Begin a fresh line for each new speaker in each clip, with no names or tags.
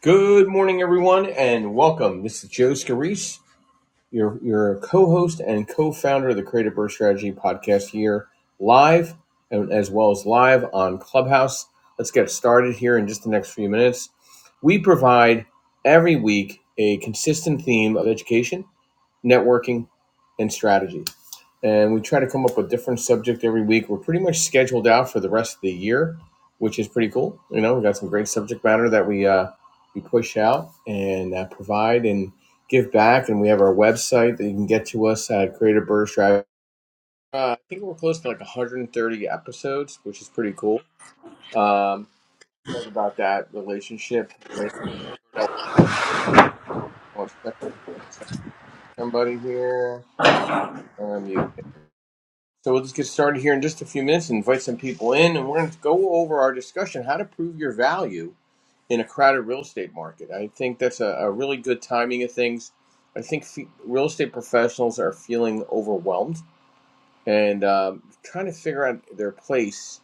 Good morning, everyone, and welcome. This is Joe Scarice, your, your co host and co founder of the Creative Birth Strategy podcast here live, and as well as live on Clubhouse. Let's get started here in just the next few minutes. We provide every week a consistent theme of education networking, and strategy. And we try to come up with a different subject every week. We're pretty much scheduled out for the rest of the year, which is pretty cool. You know, we got some great subject matter that we uh, we push out and uh, provide and give back. And we have our website that you can get to us at Creative Burst Drive. Uh, I think we're close to like 130 episodes, which is pretty cool. Um, excited about that relationship. somebody here. Um, you. So we'll just get started here in just a few minutes and invite some people in, and we're going to go over our discussion how to prove your value in a crowded real estate market. I think that's a, a really good timing of things. I think fe- real estate professionals are feeling overwhelmed and um, trying to figure out their place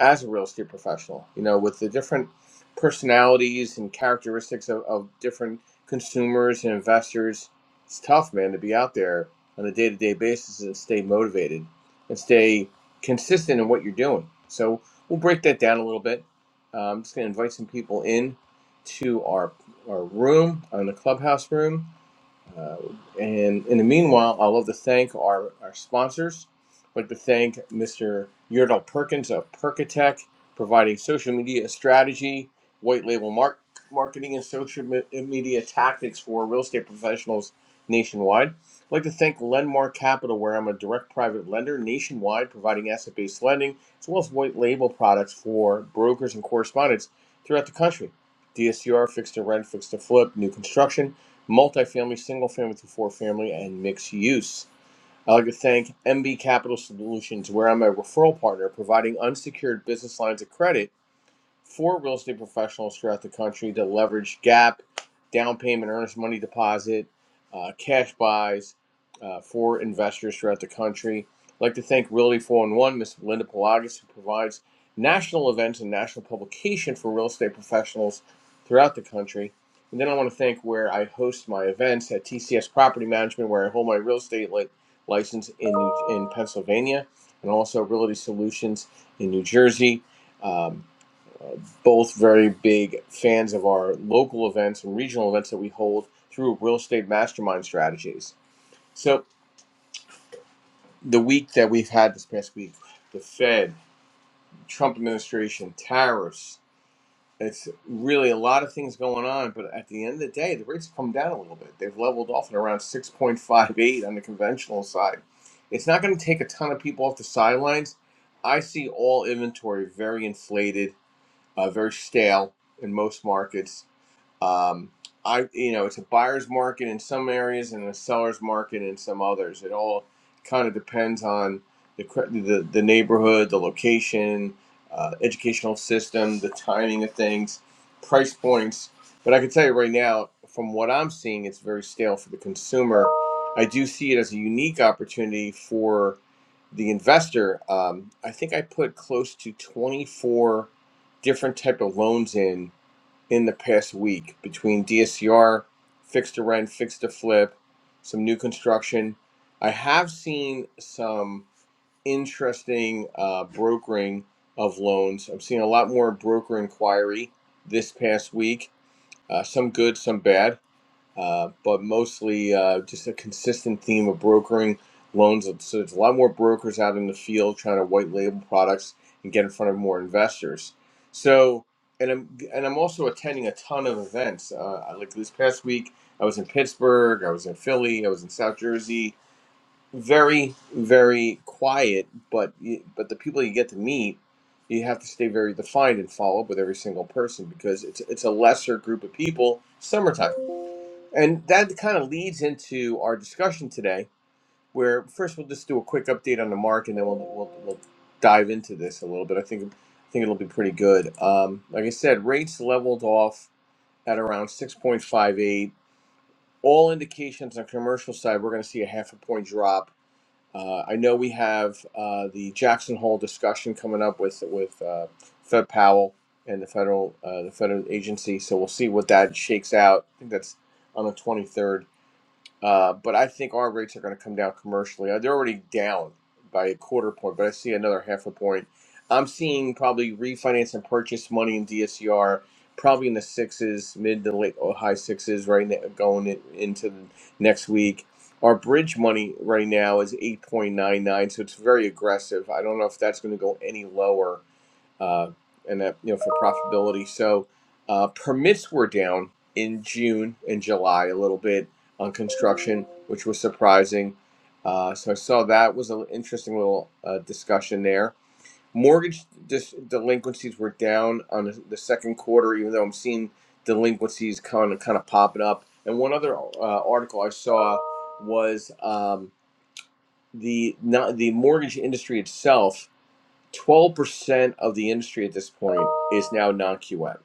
as a real estate professional you know with the different personalities and characteristics of, of different consumers and investors it's tough man to be out there on a day-to-day basis and stay motivated and stay consistent in what you're doing so we'll break that down a little bit uh, i'm just going to invite some people in to our our room on the clubhouse room uh, and in the meanwhile, I love to thank our, our sponsors. I'd like to thank Mr. Yurdal Perkins of Perkatech, providing social media strategy, white label mark, marketing, and social me- media tactics for real estate professionals nationwide. I'd like to thank Lendmark Capital, where I'm a direct private lender nationwide, providing asset based lending as well as white label products for brokers and correspondents throughout the country. DSCR, fixed to rent, fixed to flip, new construction multifamily, single family through four family, and mixed use. I'd like to thank MB Capital Solutions, where I'm a referral partner, providing unsecured business lines of credit for real estate professionals throughout the country to leverage gap, down payment, earnest money deposit, uh, cash buys uh, for investors throughout the country. I'd like to thank Realty Four in One, Ms. Linda Pelagis, who provides national events and national publication for real estate professionals throughout the country. And then I want to thank where I host my events at TCS Property Management, where I hold my real estate li- license in, in Pennsylvania, and also Realty Solutions in New Jersey. Um, both very big fans of our local events and regional events that we hold through real estate mastermind strategies. So the week that we've had this past week, the Fed, Trump administration, tariffs, it's really a lot of things going on, but at the end of the day, the rates have come down a little bit. They've leveled off at around 6.58 on the conventional side. It's not going to take a ton of people off the sidelines. I see all inventory very inflated, uh, very stale in most markets Um, I, you know, it's a buyer's market in some areas and a seller's market in some others. It all kind of depends on the cre- the, the neighborhood, the location, uh, educational system, the timing of things, price points. But I can tell you right now, from what I'm seeing, it's very stale for the consumer. I do see it as a unique opportunity for the investor. Um, I think I put close to 24 different type of loans in in the past week between DSCR, fixed to rent, fixed to flip, some new construction. I have seen some interesting uh, brokering of loans. I'm seeing a lot more broker inquiry this past week, uh, some good, some bad uh, but mostly uh, just a consistent theme of brokering loans. So there's a lot more brokers out in the field trying to white label products and get in front of more investors. So, and I'm and I'm also attending a ton of events. Uh, like this past week, I was in Pittsburgh, I was in Philly, I was in South Jersey. Very, very quiet, but y- but the people you get to meet, you have to stay very defined and follow up with every single person because it's it's a lesser group of people. Summertime. And that kind of leads into our discussion today, where first we'll just do a quick update on the mark, and then we'll we'll, we'll dive into this a little bit. I think I think it'll be pretty good. Um, like I said, rates leveled off at around six point five eight. All indications on commercial side, we're going to see a half a point drop. Uh, I know we have uh, the Jackson Hole discussion coming up with with uh, Fed Powell and the federal uh, the federal agency, so we'll see what that shakes out. I think that's on the twenty third uh, but I think our rates are going to come down commercially. Uh, They're already down by a quarter point, but I see another half a point. I'm seeing probably refinance and purchase money in DSCR probably in the sixes, mid to late or high sixes right now, going in, into the next week. Our bridge money right now is 8.99, so it's very aggressive. I don't know if that's going to go any lower uh, and that you know for profitability. So uh, permits were down in June and July a little bit on construction, which was surprising. Uh, so I saw that was an interesting little uh, discussion there. Mortgage dis- delinquencies were down on the the second quarter, even though I'm seeing delinquencies kind of kind of popping up. And one other uh, article I saw was um, the not the mortgage industry itself 12% of the industry at this point is now non-QM.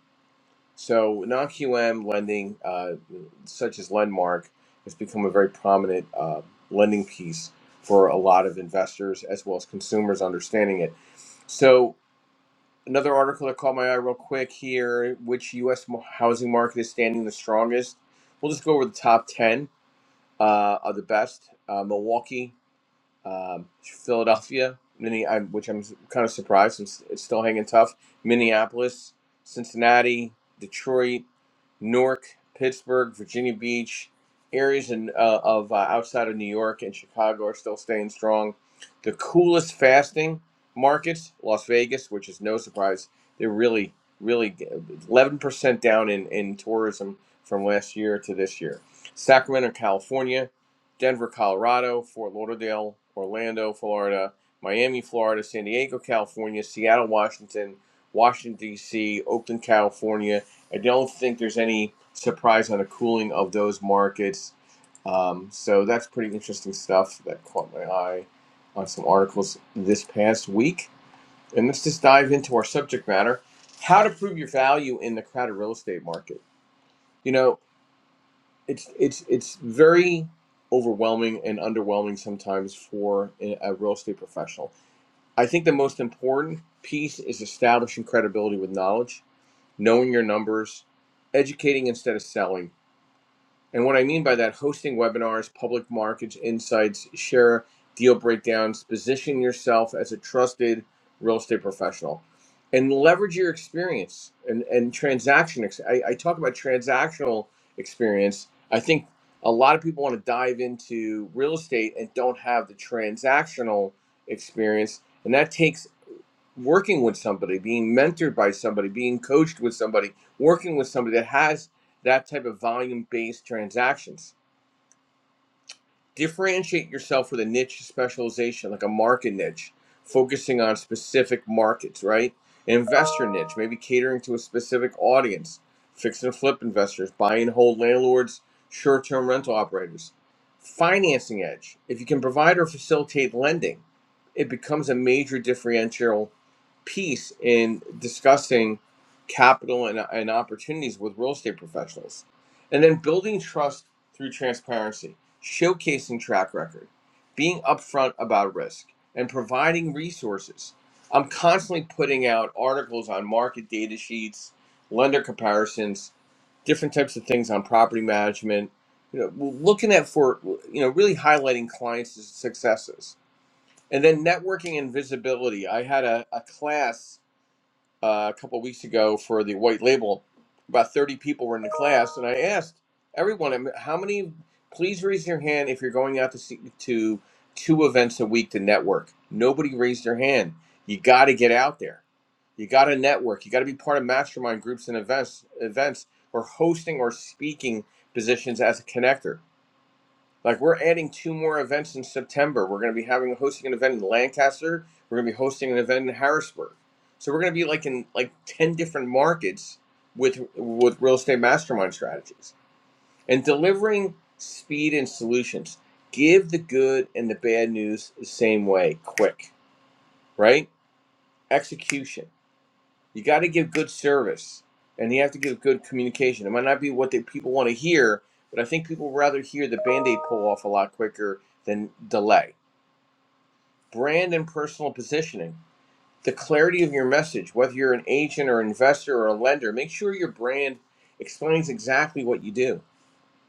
So non-QM lending, uh, such as Lendmark, has become a very prominent uh, lending piece for a lot of investors as well as consumers understanding it. So another article that caught my eye real quick here, which U.S. mo- housing market is standing the strongest. We'll just go over the top 10 uh, of the best. Uh, Milwaukee, um, Philadelphia, Minne, i which I'm kind of surprised. It's, it's still hanging tough. Minneapolis, Cincinnati, Detroit, Newark, Pittsburgh, Virginia Beach, areas in, uh, of uh, outside of New York and Chicago are still staying strong. The coolest fasting markets, Las Vegas, which is no surprise, they're really, really 11% down in, in tourism from last year to this year. Sacramento, California, Denver, Colorado, Fort Lauderdale, Orlando, Florida, Miami, Florida, San Diego, California, Seattle, Washington, Washington, D.C., Oakland, California. I don't think there's any surprise on the cooling of those markets. Um, so that's pretty interesting stuff that caught my eye on some articles this past week. And let's just dive into our subject matter how to prove your value in the crowded real estate market. You know, it's it's it's very overwhelming and underwhelming sometimes for a real estate professional. I think the most important piece is establishing credibility with knowledge, knowing your numbers, educating instead of selling. And what I mean by that, hosting webinars, public markets insights, share deal breakdowns, position yourself as a trusted real estate professional and leverage your experience and, and transaction. Ex- I, I talk about transactional experience. I think a lot of people want to dive into real estate and don't have the transactional experience. And that takes working with somebody, being mentored by somebody, being coached with somebody, working with somebody that has that type of volume based transactions differentiate yourself with a niche specialization, like a market niche, focusing on specific markets, right? An investor niche, maybe catering to a specific audience, fix and flip investors, buy and hold landlords, short term rental operators. Financing edge. If you can provide or facilitate lending, it becomes a major differential piece in discussing capital and, and opportunities with real estate professionals and then building trust through transparency, showcasing track record, being upfront about risk, and providing resources. I'm constantly putting out articles on market data sheets, lender comparisons, different types of things on property management. You know, looking at for you know really highlighting clients' successes, and then networking and visibility. I had a, a class uh, a couple of weeks ago for the white label. About 30 people were in the class, and I asked everyone, "How many? Please raise your hand if you're going out to see, to two events a week to network." Nobody raised their hand. You got to get out there. You got to network. You got to be part of mastermind groups and events, events or hosting or speaking positions as a connector. Like we're adding two more events in September. We're going to be having hosting an event in Lancaster. We're going to be hosting an event in Harrisburg. So we're going to be like in like 10 different markets with with real estate mastermind strategies. And delivering speed and solutions. Give the good and the bad news the same way, quick, right? Execution. You got to give good service, and you have to give good communication. It might not be what the people want to hear, but I think people rather hear the band-aid pull off a lot quicker than delay. Brand and personal positioning, the clarity of your message, whether you're an agent or investor or a lender, make sure your brand explains exactly what you do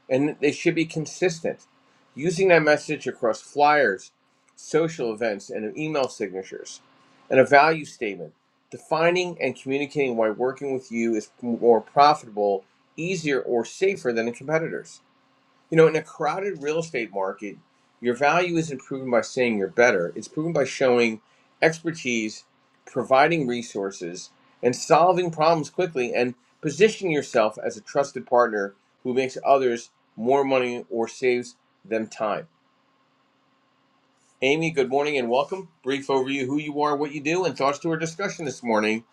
and they should be consistent. Using that message across flyers, social events, and email signatures, and a value statement, defining and communicating why working with you is more profitable, easier, or safer than the competitors. You know, in a crowded real estate market, your value isn't proven by saying you're better. It's proven by showing expertise, providing resources, and solving problems quickly and positioning yourself as a trusted partner who makes others more money or saves them time. Amy, good morning and welcome. Brief overview who you are, what you do, and thoughts to our discussion this morning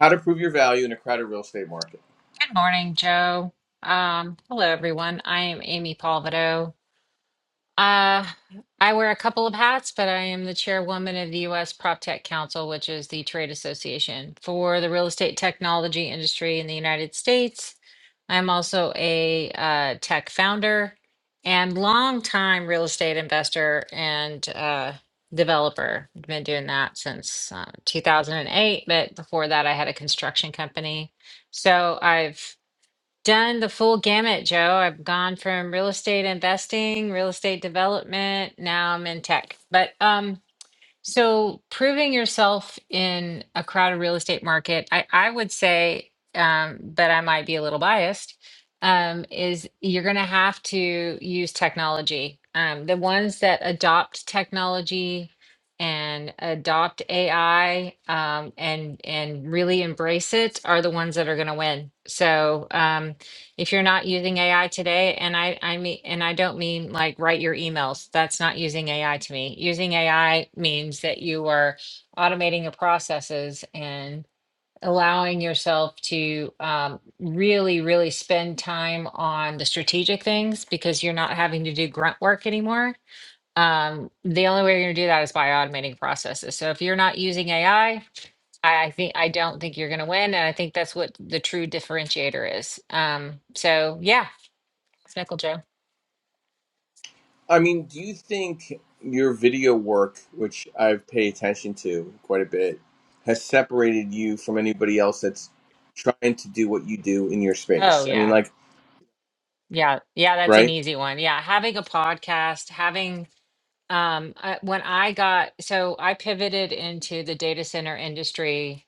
how to prove your value in a crowded real estate market.
Good morning, Joe. Um, hello, everyone. I am Amy Palvido. Uh, I wear a couple of hats, but I am the chairwoman of the U.S. PropTech Council, which is the trade association for the real estate technology industry in the United States. I'm also a uh, tech founder and longtime real estate investor and uh, developer. I've been doing that since uh, 2008, but before that, I had a construction company. So I've done the full gamut, Joe. I've gone from real estate investing, real estate development, now I'm in tech. But um so proving yourself in a crowded real estate market, I I would say um but I might be a little biased um is you're going to have to use technology. Um the ones that adopt technology and adopt AI um, and and really embrace it are the ones that are going to win. So um, if you're not using AI today, and I, I mean, and I don't mean like write your emails, that's not using AI to me. Using AI means that you are automating your processes and allowing yourself to um, really, really spend time on the strategic things because you're not having to do grunt work anymore. Um, the only way you're going to do that is by automating processes. So if you're not using AI, I, I I think I don't think you're going to win, and I think that's what the true differentiator is. Um, so yeah, Smickle Joe.
I mean, do you think your video work, which I've paid attention to quite a bit, has separated you from anybody else that's trying to do what you do in your
Oh
space? I mean,
yeah.
like,
Yeah. Yeah, that's an
right?
easy one. Yeah, having a podcast, having um uh, when I got so I pivoted into the data center industry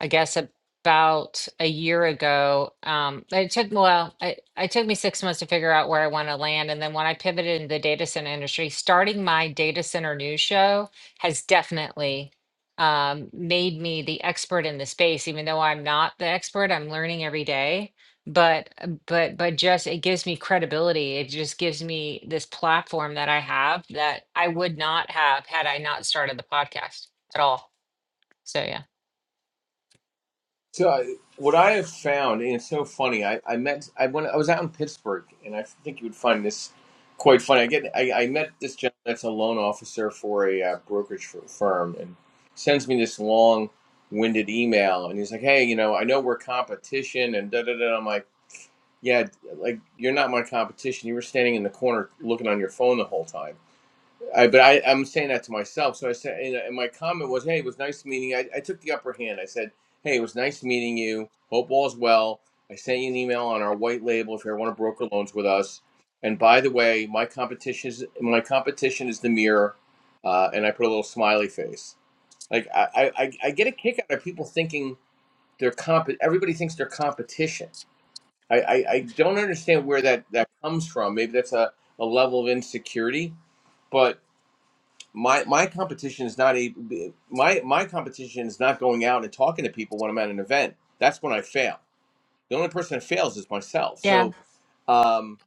I guess about a year ago. Um, it took well, it, it took me six months to figure out where I want to land, and then when I pivoted into the data center industry, starting my data center news show has definitely um, made me the expert in the space. Even though I'm not the expert, I'm learning every day. But but but just it gives me credibility. It just gives me this platform that I have that I would not have had I not started the podcast at all. So yeah.
So, I, what I have found, and it's so funny, I, I met, I went, I was out in Pittsburgh, and I think you would find this quite funny. I get, I, I met this gentleman that's a loan officer for a uh, brokerage f- firm, and sends me this long winded email, and he's like, "Hey, you know, I know we're competition," and da da da. I'm like Yeah, like you're not my competition. You were standing in the corner looking on your phone the whole time. I, but I, I'm saying that to myself. So I said, and, my comment was, "Hey, it was nice meeting." You. I, I took the upper hand. I said, "Hey, it was nice meeting you. Hope all's well." I sent you an email on our white label if you ever want to broker loans with us. And by the way, my competition is my competition is the mirror, uh, and I put a little smiley face. Like I, I, I I get a kick out of people thinking they're comp. Everybody thinks they're competition I, I, I don't understand where that, that comes from. Maybe that's a, a level of insecurity, but my my competition is not a my my competition is not going out and talking to people when I'm at an event. That's when I fail. The only person that fails is myself.
Yeah.
So, um,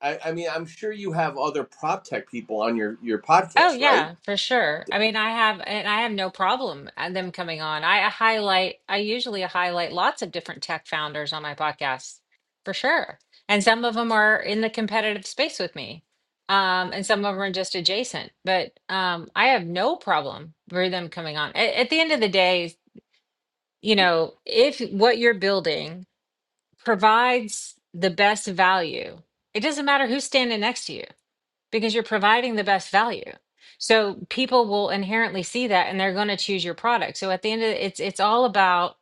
I, I mean, I'm sure you have other prop tech people on your your
Oh
podcast, right?
yeah, for sure. I mean, I have, and I have no problem at them coming on. I highlight, I usually highlight lots of different tech founders on my podcast, for sure. And some of them are in the competitive space with me, um, and some of them are just adjacent. But um, I have no problem for them coming on. At, at the end of the day, you know, if what you're building provides the best value, it doesn't matter who's standing next to you because you're providing the best value. So people will inherently see that and they're going to choose your product. So at the end of it, it's it's all about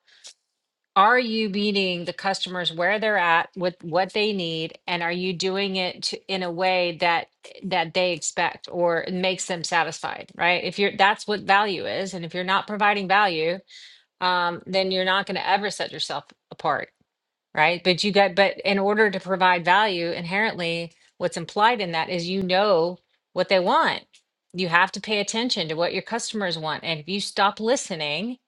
are you meeting the customers where they're at with what they need and are you doing it to, in a way that that they expect or makes them satisfied, right? If you're that's what value is and if you're not providing value, um, then you're not going to ever set yourself apart right? But you got, but in order to provide value, inherently, what's implied in that is you know what they want. You have to pay attention to what your customers want. And if you stop listening,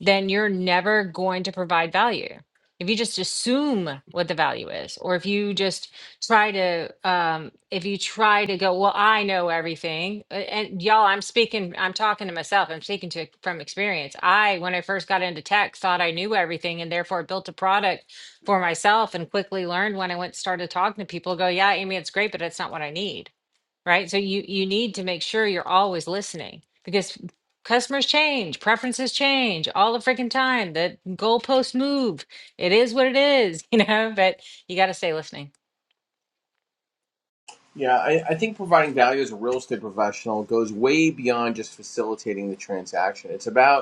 then you're never going to provide value. If you just assume what the value is, or if you just try to, um, if you try to go, well, I know everything, uh, and y'all, I'm speaking, I'm talking to myself, I'm speaking to from experience. I, when I first got into tech, thought I knew everything, and therefore built a product for myself, and quickly learned when I went started talking to people, go, yeah, Amy, it's great, but it's not what I need right? So you you need to make sure you're always listening because customers change, preferences change all the freaking time. The goalposts move. It is what it is, you know, but you got to stay listening.
Yeah, I, I think providing value as a real estate professional goes way beyond just facilitating the transaction. It's about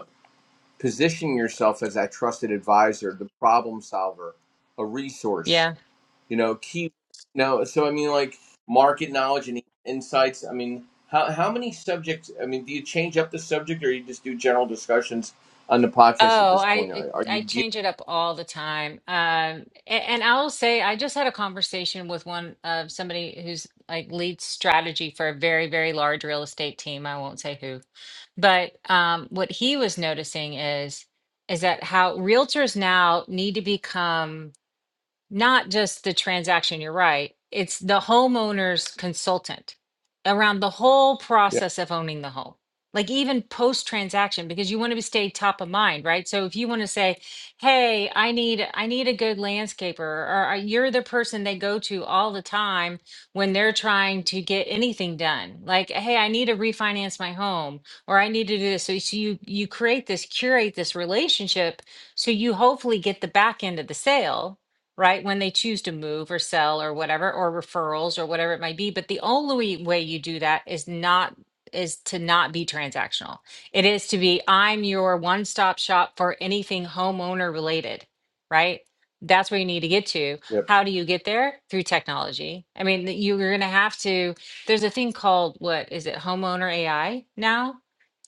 positioning yourself as that trusted advisor, the problem solver, a resource.
Yeah.
You know, keep you know. So I mean, like market knowledge and insights. I mean, how how many subjects? I mean, do you change up the subject, or you just do general discussions on the podcast at
Oh,
this
I
point?
it-
Are, are you
I
geared?
change it up all the time. Um a- and I will say I just had a conversation with one of somebody who's like lead strategy for a very very large real estate team. I won't say who But um, what he was noticing is is that how realtors now need to become not just the transaction, you're right. It's the homeowner's consultant around the whole
Yeah,
process of owning the home, like even post transaction, because you want to stay top of mind, right? So if you want to say, "Hey, I need I need a good landscaper," or uh, you're the person they go to all the time when they're trying to get anything done, like, "Hey, I need to refinance my home," or "I need to do this." So, so you you create this, curate this relationship, so you hopefully get the back end of the sale right? When they choose to move or sell or whatever, or referrals or whatever it might be. But the only way you do that is not is to not be transactional. It is to be I'm your one-stop shop for anything homeowner related, right? That's where you need to get to.
yep,
How do you get there? Through technology. I mean, th- you're going to have to there's a thing called what is it? Homeowner AI now?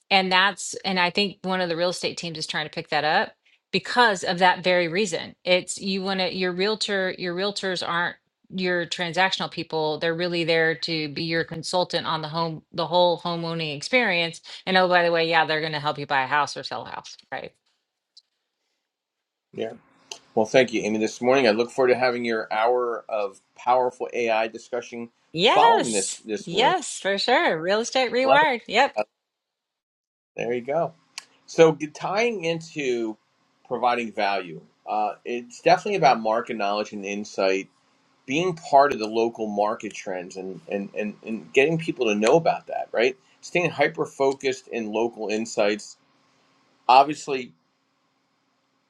And that's, and I think one of the real estate teams is trying to pick that up because of that very reason. It's you want to, your realtor, your realtors aren't your transactional people. They're really there to be your consultant on the home, the whole home owning experience. And oh, by the way, yeah, they're going to help you buy a house or sell a house, right?
yeah. Well, thank you, Amy. This morning, I look forward to having your hour of powerful AI discussion following this
Yes.
this room.
Yes, for sure. Real estate
Love it.
rewired. Yep.
Uh, There you go. So tying into providing value, uh, it's definitely about market knowledge and insight, being part of the local market trends and, and, and, and getting people to know about that, right? Staying hyper focused in local insights. Obviously,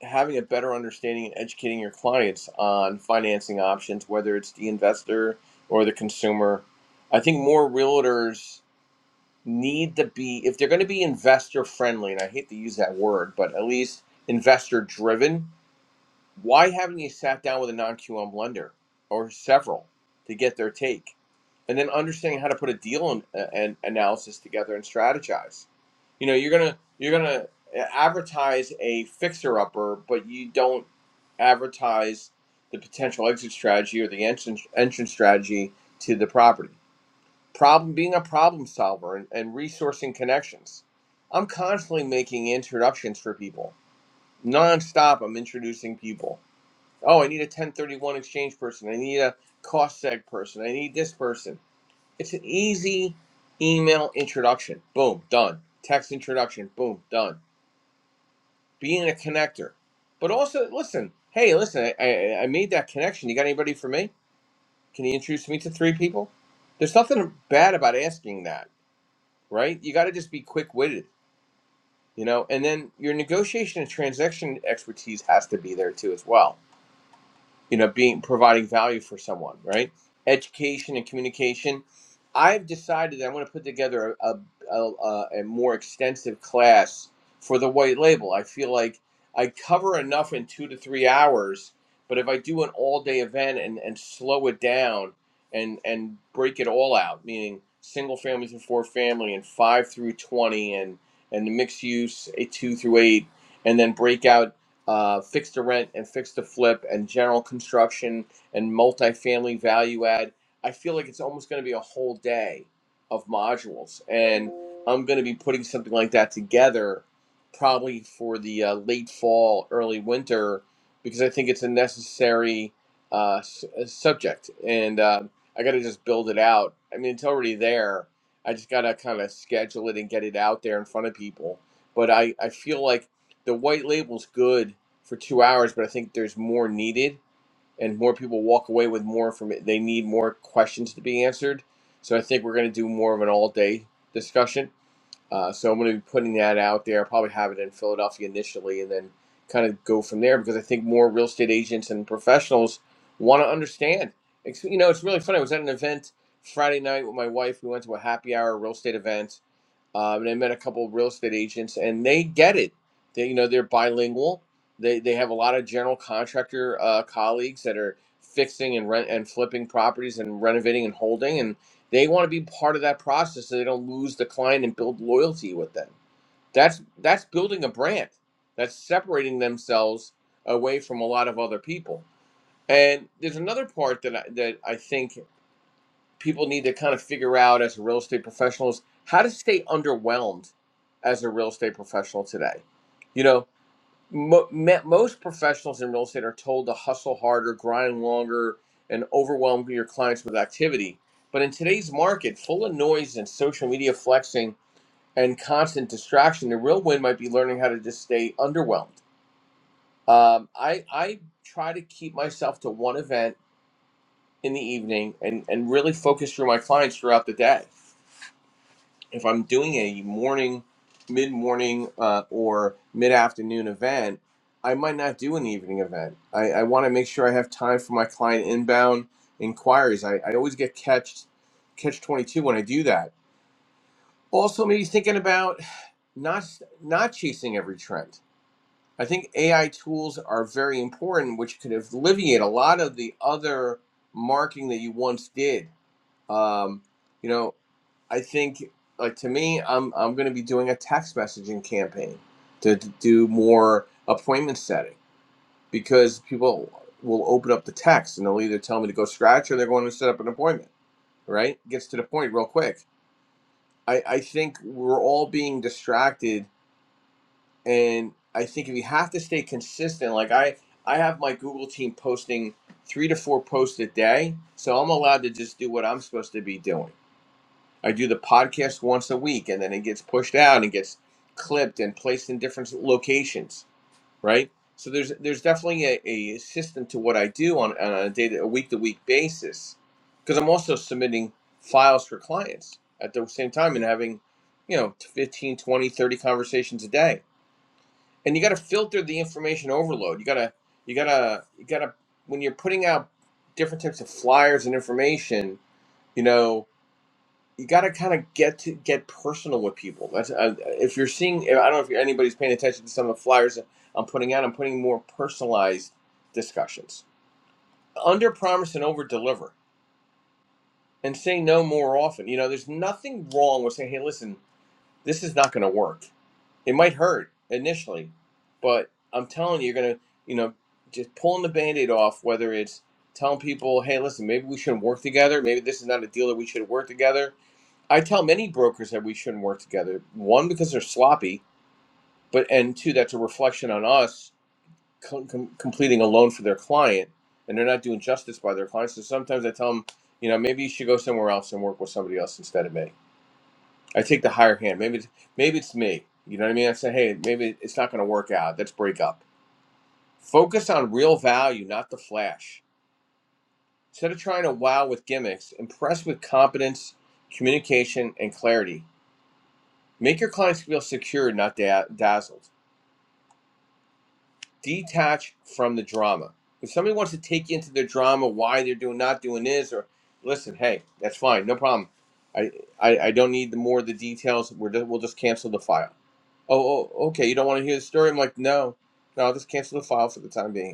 having a better understanding and educating your clients on financing options, whether it's the investor or the consumer. I think more realtors need to be if they're going to be investor friendly and i hate to use that word but at least investor driven why haven't you sat down with a non-qm lender or several to get their take and then understanding how to put a deal and, uh, and analysis together and strategize you know you're gonna you're gonna uh, advertise a fixer upper but you don't advertise the potential exit strategy or the entrance entrance strategy to the property problem being a problem solver and, and resourcing connections i'm constantly making introductions for people nonstop i'm introducing people oh i need a 1031 exchange person i need a cost seg person i need this person it's an easy email introduction boom done text introduction boom done being a connector but also listen hey listen i, I, I made that connection you got anybody for me can you introduce me to three people there's nothing bad about asking that right? You got to just be quick witted, you know, and then your negotiation and transaction expertise has to be there too as well you know being providing value for someone right education and communication i've decided that i'm going to put together a, a, a, a more extensive class for the white label i feel like i cover enough in two to three hours but if i do an all day event and, and slow it down and and break it all out meaning single families and four family and five through 20 and and the mixed use a two through eight and then break out uh, fix to rent and fix to flip and general construction and multifamily value add. I feel like it's almost going to be a whole day of modules, and I'm going to be putting something like that together probably for the uh, late fall, early winter, because I think it's a necessary uh, s- uh, subject, and uh, I got to just build it out. I mean, it's already there. I just got to kind of schedule it and get it out there in front of people. But I, I feel like the white label's good for two hours, but I think there's more needed, and more people walk away with more information. They need more questions to be answered. So I think we're going to do more of an all day discussion. Uh, so I'm going to be putting that out there. I'll probably have it in Philadelphia initially, and then kind of go from there because I think more real estate agents and professionals want to understand. It's, you know, it's really funny. I was at an event Friday night with my wife. We went to a happy hour real estate event um, and I met a couple of real estate agents, and they get it. They, you know, they're bilingual. They they have a lot of general contractor uh, colleagues that are fixing and rent and flipping properties and renovating and holding, and they want to be part of that process so they don't lose the client and build loyalty with them. That's that's building a brand. That's separating themselves away from a lot of other people. And there's another part that I, that I think people need to kind of figure out as real estate professionals how to stay underwhelmed as a real estate professional today. You know, mo- me- most professionals in real estate are told to hustle harder, grind longer, and overwhelm your clients with activity. But in today's market, full of noise and social media flexing and constant distraction, the real win might be learning how to just stay underwhelmed. Um, I, I try to keep myself to one event in the evening and, and really focus through my clients throughout the day if I'm doing a morning, mid morning, uh, or mid afternoon event, I might not do an evening event. I, I want to make sure I have time for my client inbound inquiries. I, I always get catched catch 22 when I do that. Also, maybe thinking about not not chasing every trend. I think AI tools are very important, which could alleviate a lot of the other marketing that you once did. Um, you know, I think like to me, I'm I'm going to be doing a text messaging campaign to, to do more appointment setting because people will open up the text and they'll either tell me to go scratch or they're going to set up an appointment. Right? Gets to the point real quick. I I think we're all being distracted, and I think if you have to stay consistent, like I I have my Google team posting three to four posts a day, so I'm allowed to just do what I'm supposed to be doing I do the podcast once a week and then it gets pushed out and gets clipped and placed in different locations, right? So there's there's definitely a, a system to what I do on, on a day to, a week to week basis because I'm also submitting files for clients at the same time and having, you know, 15, 20, 30 conversations a day. And you got to filter the information overload. You got to you got to you got to when you're putting out different types of flyers and information, you know, you got to kind of get to get personal with people. That's uh, if you're seeing. I don't know if anybody's paying attention to some of the flyers that I'm putting out. I'm putting more personalized discussions. Under promise and over deliver, and say no more often. You know, there's nothing wrong with saying, "Hey, listen, this is not going to work. It might hurt initially, but I'm telling you, you're gonna, you know, just pulling the band-aid off. Whether it's telling people, "Hey, listen, maybe we shouldn't work together. Maybe this is not a deal that we should work together." I tell many brokers that we shouldn't work together. One, because they're sloppy, but and two, that's a reflection on us com- com- completing a loan for their client, and they're not doing justice by their clients. So sometimes I tell them, you know, maybe you should go somewhere else and work with somebody else instead of me. I take the higher hand. Maybe it's, maybe it's me. You know what I mean? I say, hey, maybe it's not going to work out. Let's break up. Focus on real value, not the flash. Instead of trying to wow with gimmicks, impress with competence, communication, and clarity Make your clients feel secure, not da- dazzled. Detach from the drama. If somebody wants to take you into their drama, why they're doing not doing this, or listen, hey, that's fine, no problem. I I, I don't need the more of the details. We're just, we'll just cancel the file. Oh, oh, okay. You don't want to hear the story? I'm like, no, no. I'll just cancel the file for the time being.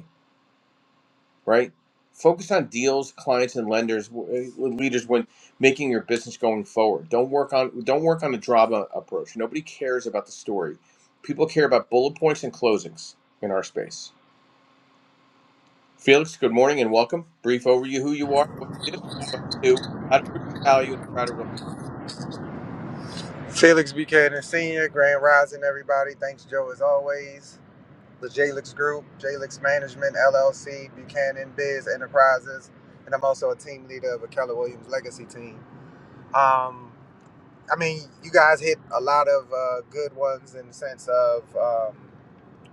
right? Focus on deals, clients, and lenders, w- uh, leaders when making your business going forward. Don't work on don't work on a drama approach. Nobody cares about the story. People care about bullet points and closings in our space. Felix, good morning and welcome. Brief overview: who you are, what you do, and talk to how to prove your value in a crowded real estate.
Felix Buchanan Sr., Grand Rising, everybody. Thanks, Joe, as always. The Jalix Group, Jalix Management, LLC, Buchanan Biz Enterprises. And I'm also a team leader of a Keller Williams legacy team. Um, I mean, you guys hit a lot of uh, good ones in the sense of. um,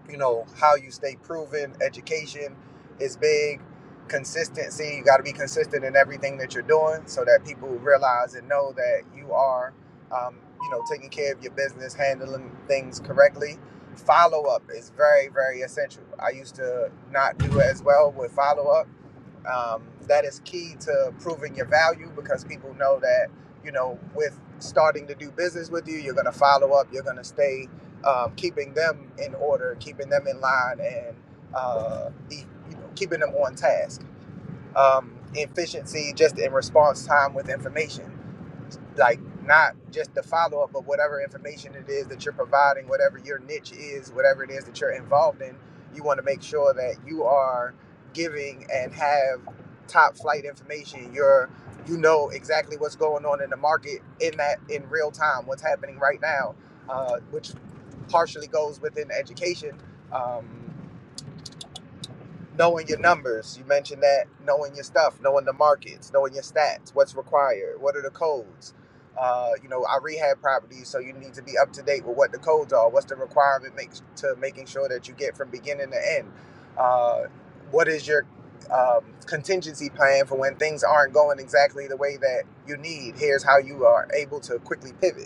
you know how you stay proven education is big consistency you got to be consistent in everything that you're doing so that people realize and know that you are um, you know taking care of your business handling things correctly follow up is very very essential i used to not do as well with follow up um, that is key to proving your value because people know that you know with starting to do business with you you're going to follow up you're going to stay um, keeping them in order, keeping them in line, and uh, the, you know, keeping them on task. Um, efficiency just in response time with information like not just the follow up, but whatever information it is that you're providing, whatever your niche is, whatever it is that you're involved in, you want to make sure that you are giving and have top flight information. You're you know exactly what's going on in the market in that in real time, what's happening right now, uh, which partially goes within education. Um, knowing your numbers. You mentioned that knowing your stuff, knowing the markets, knowing your stats, what's required, what are the codes. Uh, you know, I rehab properties, so you need to be up to date with what the codes are. What's the requirement makes to making sure that you get from beginning to end. Uh, what is your um, contingency plan for when things aren't going exactly the way that you need? Here's how you are able to quickly pivot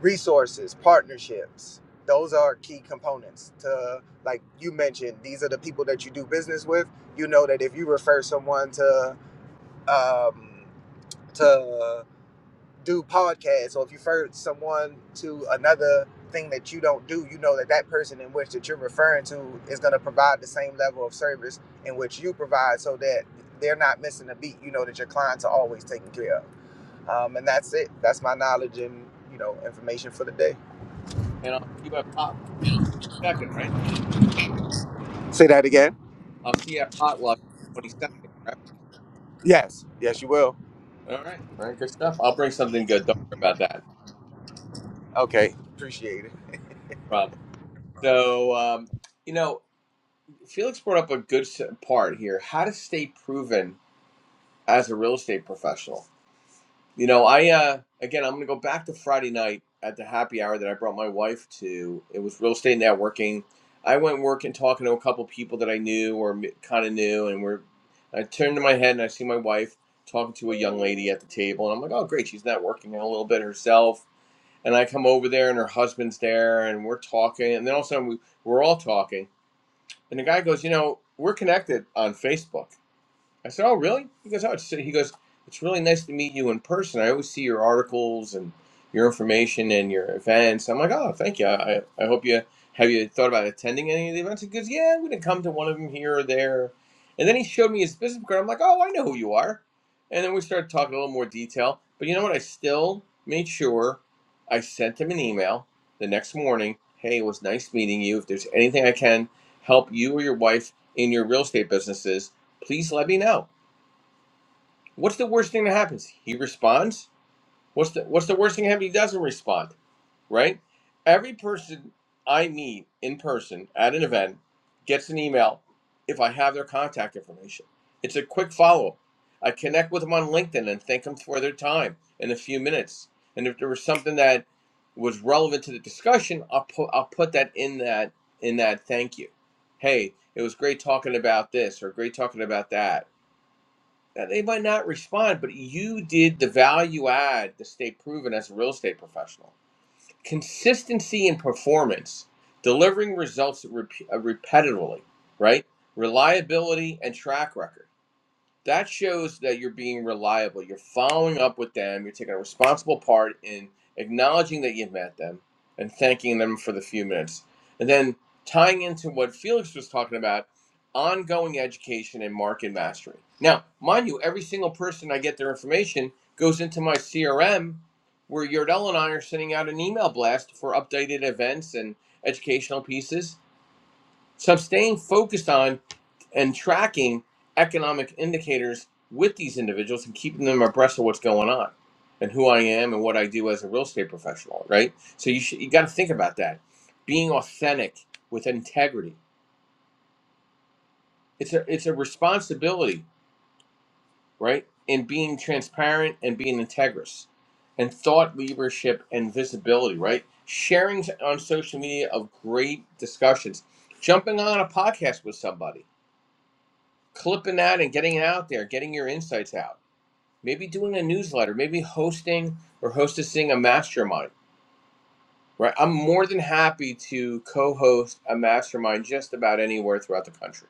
resources partnerships those are key components to like you mentioned these are the people that you do business with you know that if you refer someone to um, to do podcasts or if you refer someone to another thing that you don't do you know that that person in which that you're referring to is going to provide the same level of service in which you provide so that they're not missing a beat you know that your clients are always taken care of um, and that's it that's my knowledge and you know information for the day
And I'll see you at potluck second, right?
Say that again.
I'll see you at potluck twenty second. Right?
Yes. Yes, you will.
All right, all right, good stuff. I'll bring something good. Don't worry about that. No
Okay. Appreciate it.
problem. So, um, you know. Felix brought up a good part here. How to stay proven as a real estate professional. You know, I uh, again, I'm going to go back to Friday night at the happy hour that I brought my wife to. It was real estate networking. I went working, talking to a couple people that I knew or kind of knew, and we're. I turned to my head and I see my wife talking to a young lady at the table, and I'm like, oh great, she's networking a little bit herself. And I come over there, and her husband's there, and we're talking, and then all of a sudden we, we're all talking and the guy goes, you know, we're connected on Facebook. I said, "Oh, really?" He goes, "Oh," it's, he goes, "It's really nice to meet you in person. I always see your articles and your information and your events." I'm like, "Oh, thank you. I, I hope you have you thought about attending any of the events." He goes, "Yeah, I'm going to come to one of them here or there." And then he showed me his business card. I'm like, "Oh, I know who you are." And then we started talking a little more detail. But you know what? I still made sure I sent him an email the next morning. Hey, it was nice meeting you. If there's anything I can help you or your wife in your real estate businesses please let me know. What's the worst thing that happens? He responds. What's the what's the worst thing that happens? He doesn't respond, right? Every person I meet in person at an event gets an email if I have their contact information. It's a quick follow up. I connect with them on LinkedIn and thank them for their time in a few minutes. And if there was something that was relevant to the discussion, I'll put I'll put that in that in that thank you. Hey, it was great talking about this or great talking about that now, they might not respond, but you did the value add to stay proven as a real estate professional. Consistency in performance, delivering results rep- uh, repetitively, right? Reliability and track record that shows that you're being reliable. You're following up with them. You're taking a responsible part in acknowledging that you've met them and thanking them for the few minutes. And then tying into what Felix was talking about ongoing education and market mastery. Now, mind you, every single person I get their information goes into my CRM where Yordell and I are sending out an email blast for updated events and educational pieces so I'm staying focused on and tracking economic indicators with these individuals and keeping them abreast of what's going on and who I am and what I do as a real estate professional, right? So you should, you got to think about that. Being authentic with integrity. It's a it's a responsibility, right? In being transparent and being integrous and thought leadership and visibility, right? Sharing on social media of great discussions, jumping on a podcast with somebody clipping that and getting it out there, getting your insights out. Maybe doing a newsletter, maybe hosting or hostessing a mastermind. Right, I'm more than happy to co-host a mastermind just about anywhere throughout the country.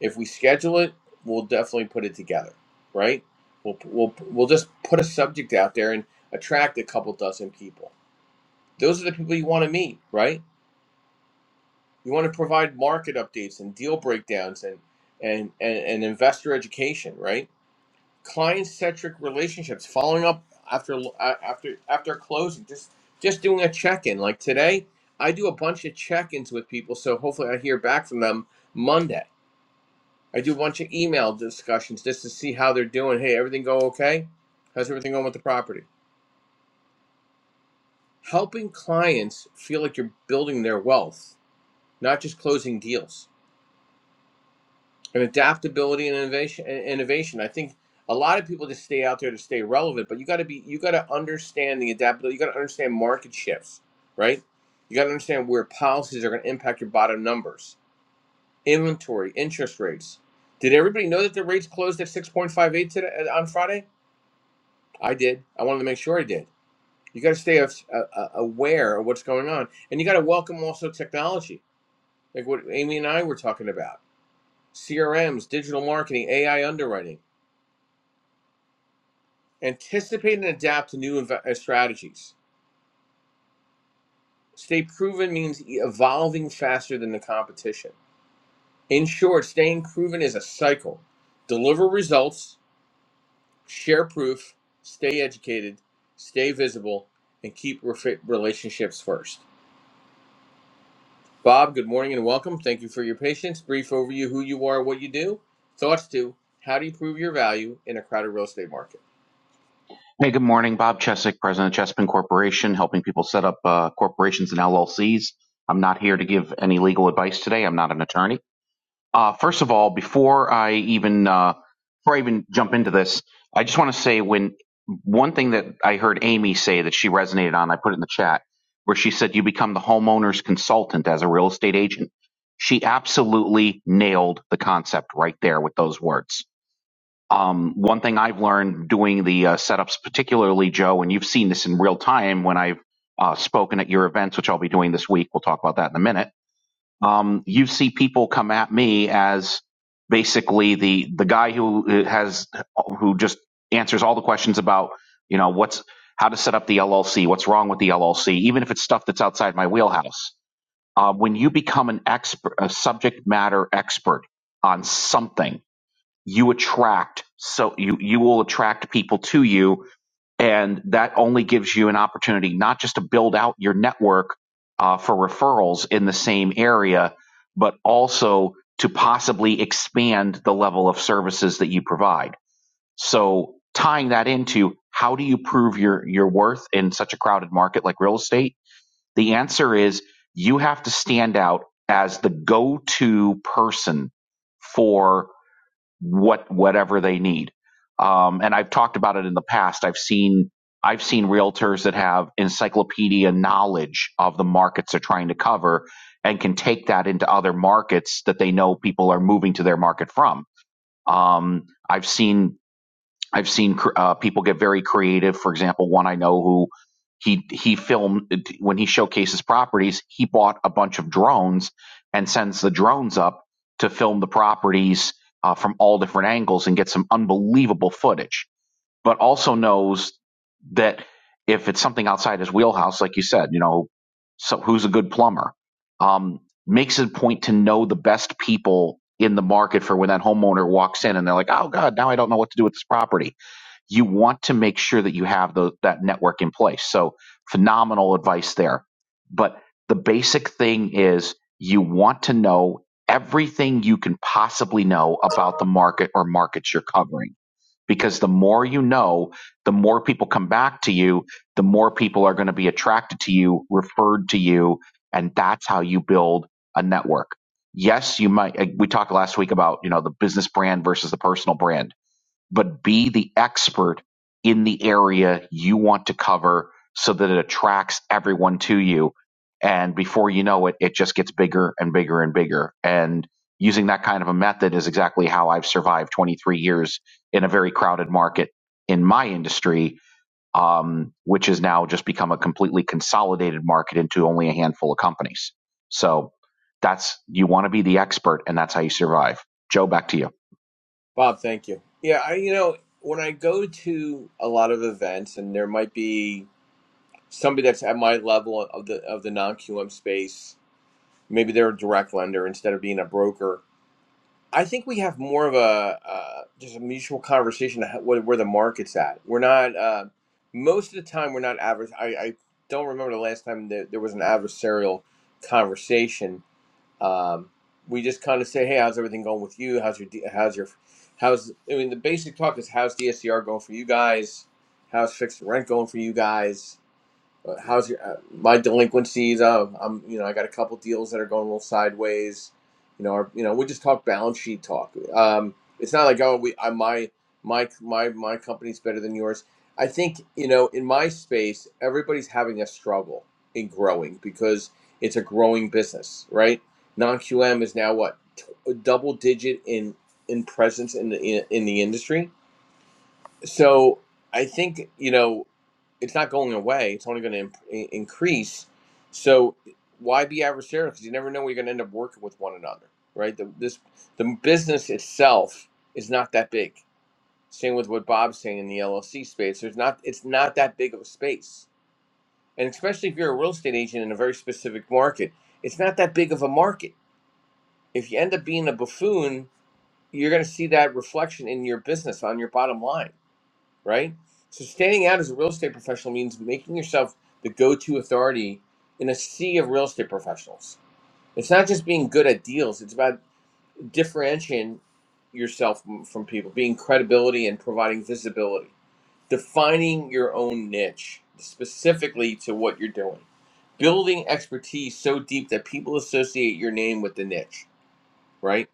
If we schedule it, we'll definitely put it together. Right, we'll we'll we'll just put a subject out there and attract a couple dozen people. Those are the people you want to meet, right? You want to provide market updates and deal breakdowns and and and, and investor education, right? client-centric relationships, following up after uh, after after closing, just just doing a check-in. Like today, I do a bunch of check-ins with people, so hopefully I hear back from them Monday. I do a bunch of email discussions just to see how they're doing. Hey, everything go okay? How's everything going with the property? Helping clients feel like you're building their wealth, not just closing deals. and adaptability and innovation and innovation i think a lot of people just stay out there to stay relevant but you got to be you got to understand the adaptability you got to understand market shifts right you got to understand where policies are going to impact your bottom numbers inventory interest rates did everybody know that the rates closed at 6.58 today uh, on friday i did i wanted to make sure i did you got to stay a- a- aware of what's going on and you got to welcome also technology like what amy and i were talking about crms digital marketing ai underwriting Anticipate and adapt to new inv- uh, strategies. Stay proven means e- evolving faster than the competition. In short, staying proven is a cycle. Deliver results, share proof, stay educated, stay visible, and keep refi- relationships first. Bob, good morning and welcome. Thank you for your patience. Brief overview who you are, what you do, thoughts to how do you prove your value in a crowded real estate market.
Hey, good morning. Bob Chesek, President of Chespin Corporation, helping people set up uh, corporations and LLCs. I'm not here to give any legal advice today. I'm not an attorney. Uh, first of all, before I even uh, before I even jump into this, I just want to say when one thing that I heard Amy say that she resonated on, I put it in the chat, where she said you become the homeowner's consultant as a real estate agent. She absolutely nailed the concept right there with those words um, one thing I've learned doing the uh, setups, particularly Joe, and you've seen this in real time when I've uh, spoken at your events, which I'll be doing this week. We'll talk about that in a minute. Um, you see people come at me as basically the the guy who uh, has who just answers all the questions about you know what's how to set up the LLC, what's wrong with the LLC, even if it's stuff that's outside my wheelhouse. Uh, when you become an expert, a subject matter expert on something you attract so you you will attract people to you and that only gives you an opportunity not just to build out your network uh, for referrals in the same area but also to possibly expand the level of services that you provide so tying that into how do you prove your your worth in such a crowded market like real estate the answer is you have to stand out as the go-to person for what whatever they need. Um, and I've talked about it in the past. I've seen I've seen realtors that have encyclopedia knowledge of the markets they're trying to cover and can take that into other markets that they know people are moving to their market from. Um, I've seen I've seen uh, people get very creative. For example, one I know who he he filmed when he showcases properties, he bought a bunch of drones and sends the drones up to film the properties uh, from all different angles and get some unbelievable footage. But also knows that if it's something outside his wheelhouse, like you said, you know, so who's a good plumber? Um, makes it a point to know the best people in the market for when that homeowner walks in and they're like, oh God, now I don't know what to do with this property you want to make sure that you have tho- that network in place. So phenomenal advice there. But the basic thing is you want to know everything you can possibly know about the market or markets you're covering. Because the more you know, the more people come back to you, the more people are going to be attracted to you, referred to you, and that's how you build a network. Yes, you might. uh, We talked last week about you know the business brand versus the personal brand but be the expert in the area you want to cover so that it attracts everyone to you. And before you know it, it just gets bigger and bigger and bigger. And using that kind of a method is exactly how I've survived 23 years in a very crowded market in my industry, um, which has now just become a completely consolidated market into only a handful of companies. So that's, you want to be the expert and that's how you survive. Joe, back to you.
Bob, thank you. Yeah, I you know, when I go to a lot of events and there might be somebody that's at my level of the of the non-QM space, maybe they're a direct lender instead of being a broker. I think we have more of a uh, just a mutual conversation of where, where the market's at. We're not uh, most of the time we're not advers. I, I don't remember the last time that there was an adversarial conversation um, we just kind of say, "Hey, how's everything going with you? How's your D- how's your how's?" I mean, the basic talk is, "How's DSCR going for you guys? How's fixed rent going for you guys?" Uh, How's your uh, my delinquencies? Um, I'm you know I got a couple deals that are going a little sideways. You know, or, you know we just talk balance sheet talk. Um, it's not like oh we I, my my my my company's better than yours. I think you know in my space everybody's having a struggle in growing because it's a growing business, right? Non QM is now what t- double digit in in presence in the in, in the industry so I think, you know, it's not going away. It's only going to imp- increase. So why be adversarial? Because you never know where you're going to end up working with one another, right? The, this the business itself is not that big. Same with what Bob's saying in the LLC space. There's not it's not that big of a space, and especially if you're a real estate agent in a very specific market, it's not that big of a market. If you end up being a buffoon, you're going to see that reflection in your business on your bottom line right? So standing out as a real estate professional means making yourself the go-to authority in a sea of real estate professionals. It's not just being good at deals, it's about differentiating yourself m- from people, being credibility and providing visibility, defining your own niche specifically to what you're doing. Building expertise so deep that people associate your name with the niche, right?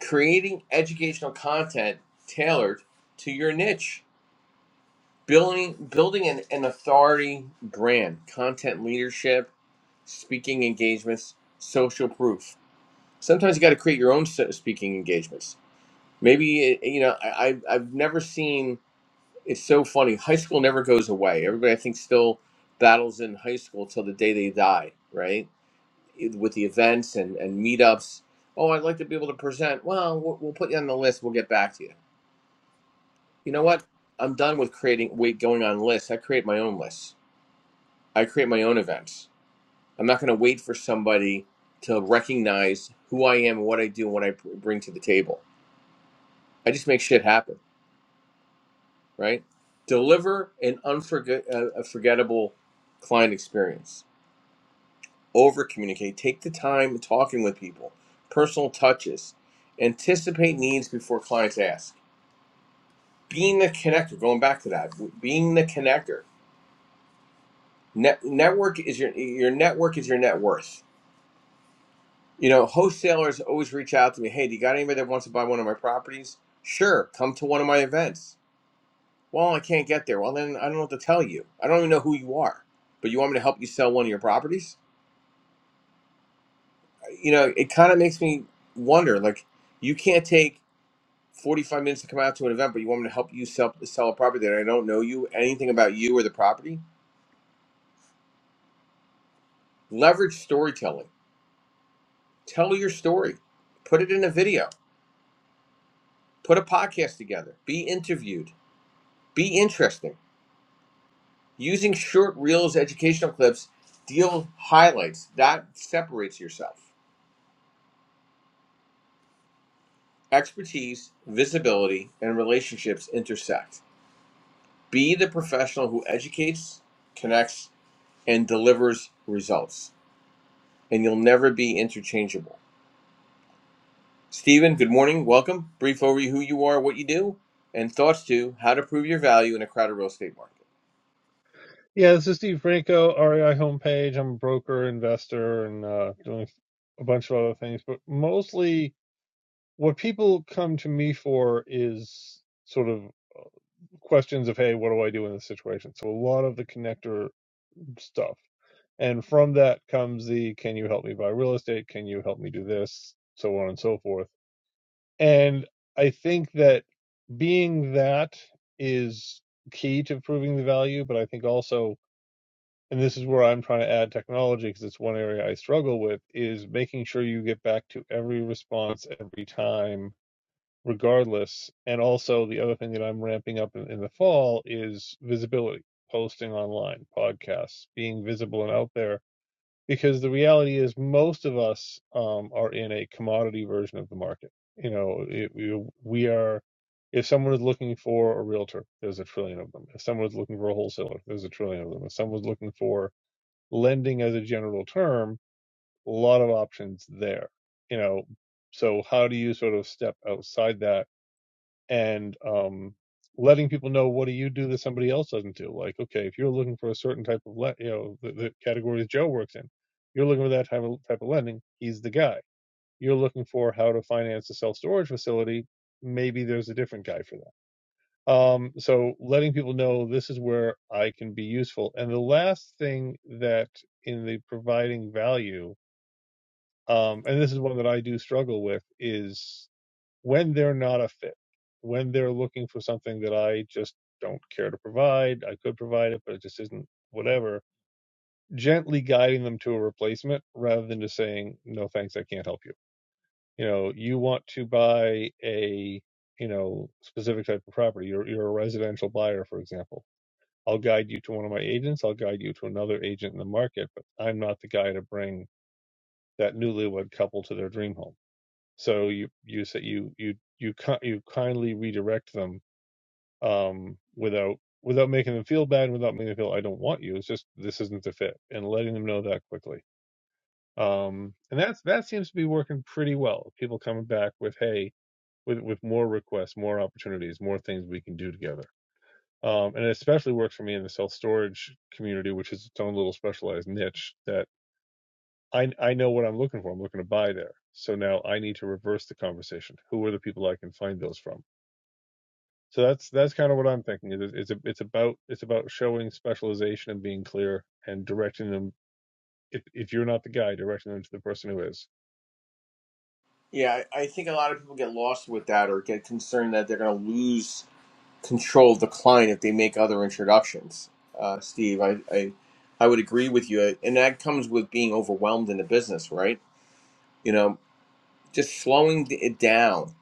Creating educational content tailored to your niche building building an, an authority brand content leadership speaking engagements social proof sometimes you got to create your own set speaking engagements maybe eh, you know I, I've, I've never seen it's so funny high school never goes away everybody i think still battles in high school till the day they die right with the events and, and meetups oh i'd like to be able to present well we'll we'll put you on the list we'll get back to you you know what i'm done with creating wait going on lists i create my own lists I create my own events. I'm not going to wait for somebody to recognize who I am what I do and what I bring to the table. I just make shit happen, right? Deliver an unforgettable client experience. Over communicate. Take the time talking with people. Personal touches. Anticipate needs before clients ask. Being the connector. Going back to that. Being the connector. Net, network is your your network is your net worth You know, wholesalers always reach out to me. Hey, do you got anybody that wants to buy one of my properties? Sure, come to one of my events. Well, I can't get there. Well, then I don't know what to tell you. I don't even know who you are, but you want me to help you sell one of your properties? Uh, You know, it kind of makes me wonder. Like, you can't take 45 minutes to come out to an event, but you want me to help you sell sell a property that I don't know you anything about you or the property. Leverage storytelling. Tell your story. Put it in a video. Put a podcast together. Be interviewed. Be interesting Using short reels, educational clips, deal highlights that separates yourself. Expertise, visibility, and relationships intersect. Be the professional who educates, connects, and delivers results, and you'll never be interchangeable. Stephen, good morning. Welcome. Brief overview who you are, what you do, and thoughts to how to prove your value in a crowded real estate market.
Yeah, this is Steve Franco, REI homepage. I'm a broker, investor, and uh, doing a bunch of other things. But mostly, what people come to me for is sort of questions of, hey, what do I do in this situation? So a lot of the connector stuff, and from that comes the, can you help me buy real estate? Can you help me do this? So on and so forth. And I think that being that is key to proving the value, but I think also and this is where I'm trying to add technology because it's one area I struggle with is making sure you get back to every response every time regardless and also the other thing that I'm ramping up in, in the fall is visibility posting online podcasts being visible and out there because the reality is most of us um, are in a commodity version of the market you know it, we, we are if someone is looking for a realtor there's a trillion of them if someone is looking for a wholesaler there's a trillion of them if someone's looking for lending as a general term, a lot of options there. You know, so how do you sort of step outside that and um, letting people know what do you do that somebody else doesn't do? Like, okay, if you're looking for a certain type of le- you know the, the categories Joe works in, you're looking for that type of type of lending. He's the guy. You're looking for how to finance a self storage facility. Maybe there's a different guy for that um, so letting people know this is where I can be useful. And the last thing that in the providing value, um, and this is one that I do struggle with, is when they're not a fit, when they're looking for something that I just don't care to provide. I could provide it, but it just isn't whatever. Gently guiding them to a replacement rather than just saying, no, thanks, I can't help you. You know, you want to buy a, you know, specific type of property. You're, you're a residential buyer, for example I'll guide you to one of my agents. I'll guide you to another agent in the market, but I'm not the guy to bring that newlywed couple to their dream home. So you you say you you you ki- you kindly redirect them um, without without making them feel bad, without making them feel I don't want you. It's just this isn't the fit, and letting them know that quickly. Um, and that's that seems to be working pretty well. People coming back with hey with with more requests, more opportunities, more things we can do together um, and it especially works for me in the self storage community, which is its own little specialized niche. That I I know what I'm looking for. I'm looking to buy there. So now I need to reverse the conversation. Who are the people I can find those from? So that's that's kind of what I'm thinking. Is it's it's a, it's about it's about showing specialization and being clear and directing them. If if you're not the guy, directing them to the person who is.
Yeah, I I think a lot of people get lost with that or get concerned that they're going to lose control decline if they make other introductions. Uh, Steve, I, I I would agree with you, and that comes with being overwhelmed in the business, right? You know, just slowing it down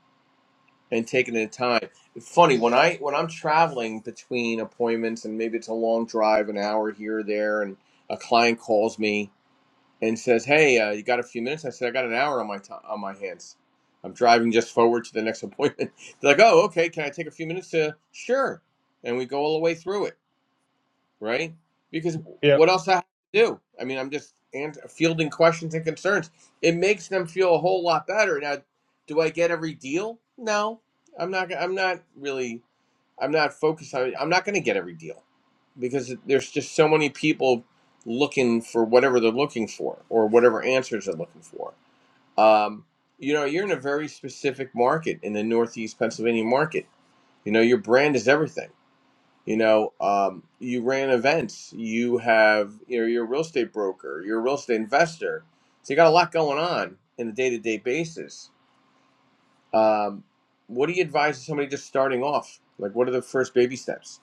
and taking it time. It's funny when I when I'm traveling between appointments, and maybe it's a long drive, an hour here or there, and a client calls me and says, "Hey, uh, you got a few minutes?" I said, "I got an hour on my to on my hands." I'm driving just forward to the next appointment. They're like, "Oh, okay. Can I take a few minutes to?" Sure, and we go all the way through it right? Because
Yeah,
what else I have to do? I mean, I'm just ans fielding questions and concerns. It makes them feel a whole lot better. Now, do I get every deal? No, I'm not. I'm not really. I'm not focused on. I'm not going to get every deal because there's just so many people looking for whatever they're looking for or whatever answers they're looking for. Um, you know, you're in a very specific market in the Northeast Pennsylvania market. You know, your brand is everything you know, um, you ran events. You have, you know, you're a real estate broker. You're a real estate investor. So you got a lot going on in a day-to-day basis. Um, what do you advise somebody just starting off? Like, what are the first baby steps?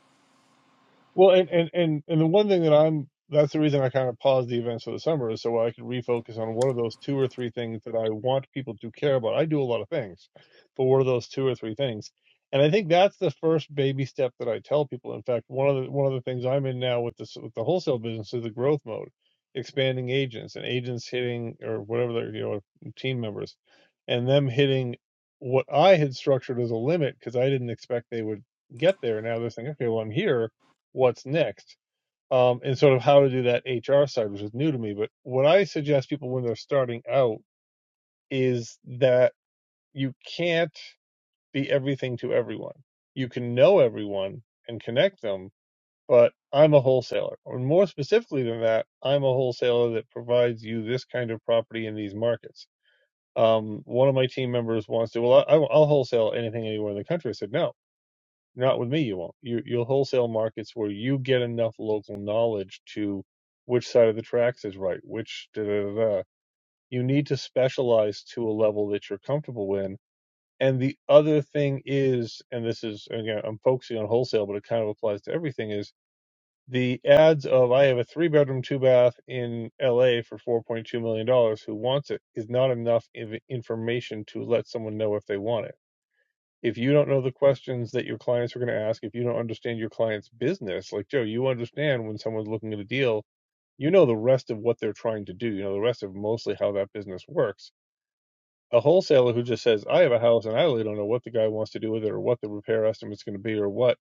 Well, and, and and and the one thing that I'm that's the reason I kind of paused the events for the summer is so I could refocus on what are those two or three things that I want people to care about. I do a lot of things, but what are those two or three things? And I think that's the first baby step that I tell people. In fact, one of the one of the things I'm in now with this with the wholesale business is the growth mode, expanding agents and agents hitting or whatever they're you know team members, and them hitting what I had structured as a limit because I didn't expect they would get there. Now they're saying, okay, well I'm here what's next um, and sort of how to do that HR side, which is new to me. But what I suggest people when they're starting out is that you can't be everything to everyone. You can know everyone and connect them, but I'm a wholesaler. Or more specifically than that, I'm a wholesaler that provides you this kind of property in these markets. Um, one of my team members wants to, well, I, I'll wholesale anything anywhere in the country. I said, no not with me, you won't. You, you'll wholesale markets where you get enough local knowledge to which side of the tracks is right, which da da da. da. You need to specialize to a level that you're comfortable in. And the other thing is, and this is again, I'm focusing on wholesale, but it kind of applies to everything. Is the ads of I have a three bedroom, two bath in L.A. for 4.2 million dollars. Who wants it? Is not enough inf- information to let someone know if they want it if you don't know the questions that your clients are going to ask, if you don't understand your client's business, like Joe, you understand when someone's looking at a deal, you know the rest of what they're trying to do. You know the rest of mostly how that business works. A wholesaler who just says, I have a house and I really don't know what the guy wants to do with it or what the repair estimate's going to be or what,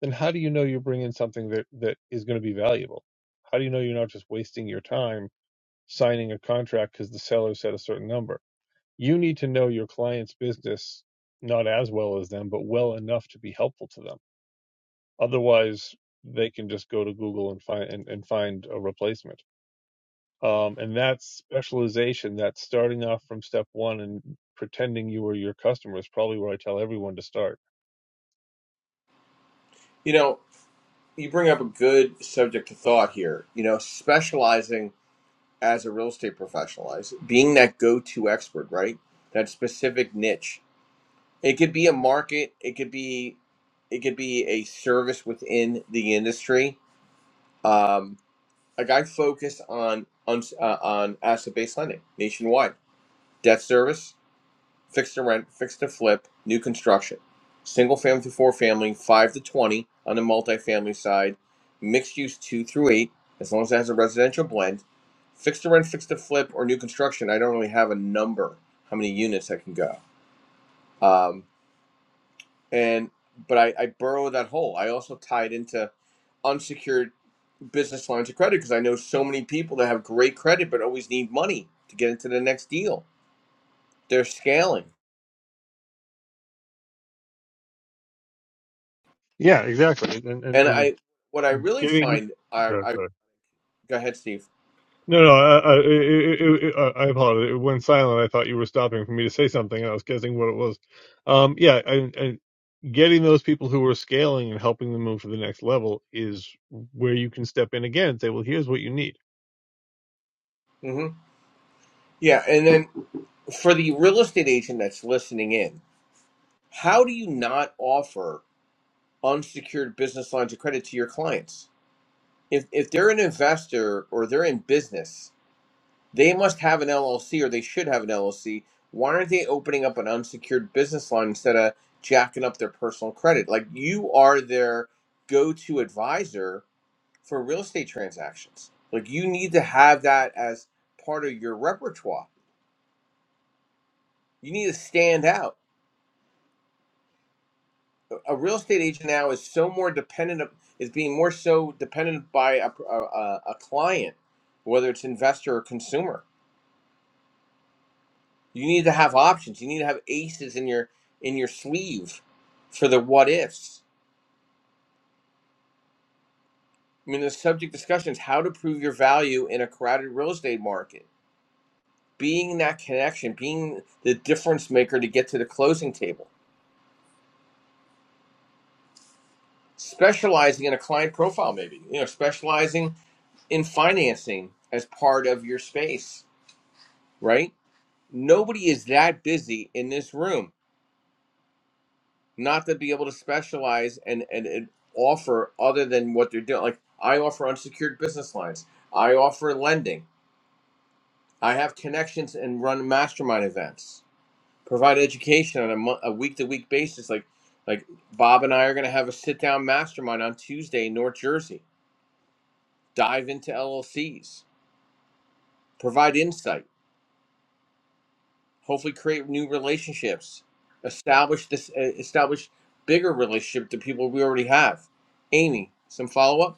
then how do you know you're bringing something that, that is going to be valuable? How do you know you're not just wasting your time signing a contract because the seller said a certain number? You need to know your client's business not as well as them, but well enough to be helpful to them. Otherwise, they can just go to Google and find and, and find a replacement. Um, and that's specialization. That's starting off from step one and pretending you are your customer is probably where I tell everyone to start.
You know, you bring up a good subject to thought here. You know, specializing as a real estate professional, as being that go-to expert, right? That specific niche. It could be a market. It could be, it could be a service within the industry um, a guide focused on on uh, on asset based lending nationwide, debt service, fixed to rent, fixed to flip, new construction, single family to four family, five to twenty on the multifamily side, mixed use two through eight, as long as it has a residential blend, fixed to rent, fixed to flip, or new construction. I don't really have a number how many units I can go, um, and but I, I burrow that hole. I also tie it into unsecured business lines of credit because I know so many people that have great credit but always need money to get into the next deal. They're scaling,
Yeah, exactly. And and and,
and
and
I what I really
giving.
find are I go ahead, Steve.
No, no, I, I, it, it, it, I I apologize. It went silent. I thought you were stopping for me to say something, and I was guessing what it was. Um, yeah, and, and getting those people who are scaling and helping them move to the next level is where you can step in again and say, "Well, here's what you need."
hmm Yeah, and then for the real estate agent that's listening in, how do you not offer unsecured business lines of credit to your clients if if they're an investor or they're in business? They must have an LLC or they should have an LLC. Why aren't they opening up an unsecured business line instead of jacking up their personal credit? Like you are their go to advisor for real estate transactions. Like you need to have that as part of your repertoire. You need to stand out. A a real estate agent now is so more dependent, of is being more so dependent by a, a, a a client, whether it's investor or consumer You need to have options. You need to have aces in your in your sleeve for the what ifs. I mean, the subject discussion is how to prove your value in a crowded real estate market. Being that connection, being the difference maker to get to the closing table. Specializing in a client profile, maybe you know, specializing in financing as part of your space, right? Nobody is that busy in this room not to be able to specialize and, and, and offer other than what they're doing. Like I offer unsecured business lines. I offer lending. I have connections and run mastermind events. Provide education on a mo- a week to week basis. Like like Bob and I are going to have a sit down mastermind on Tuesday in North Jersey. Dive into LLCs. Provide insight. Hopefully, create new relationships. Establish this. uh, Establish bigger relationship to people we already have. Amy, some follow up.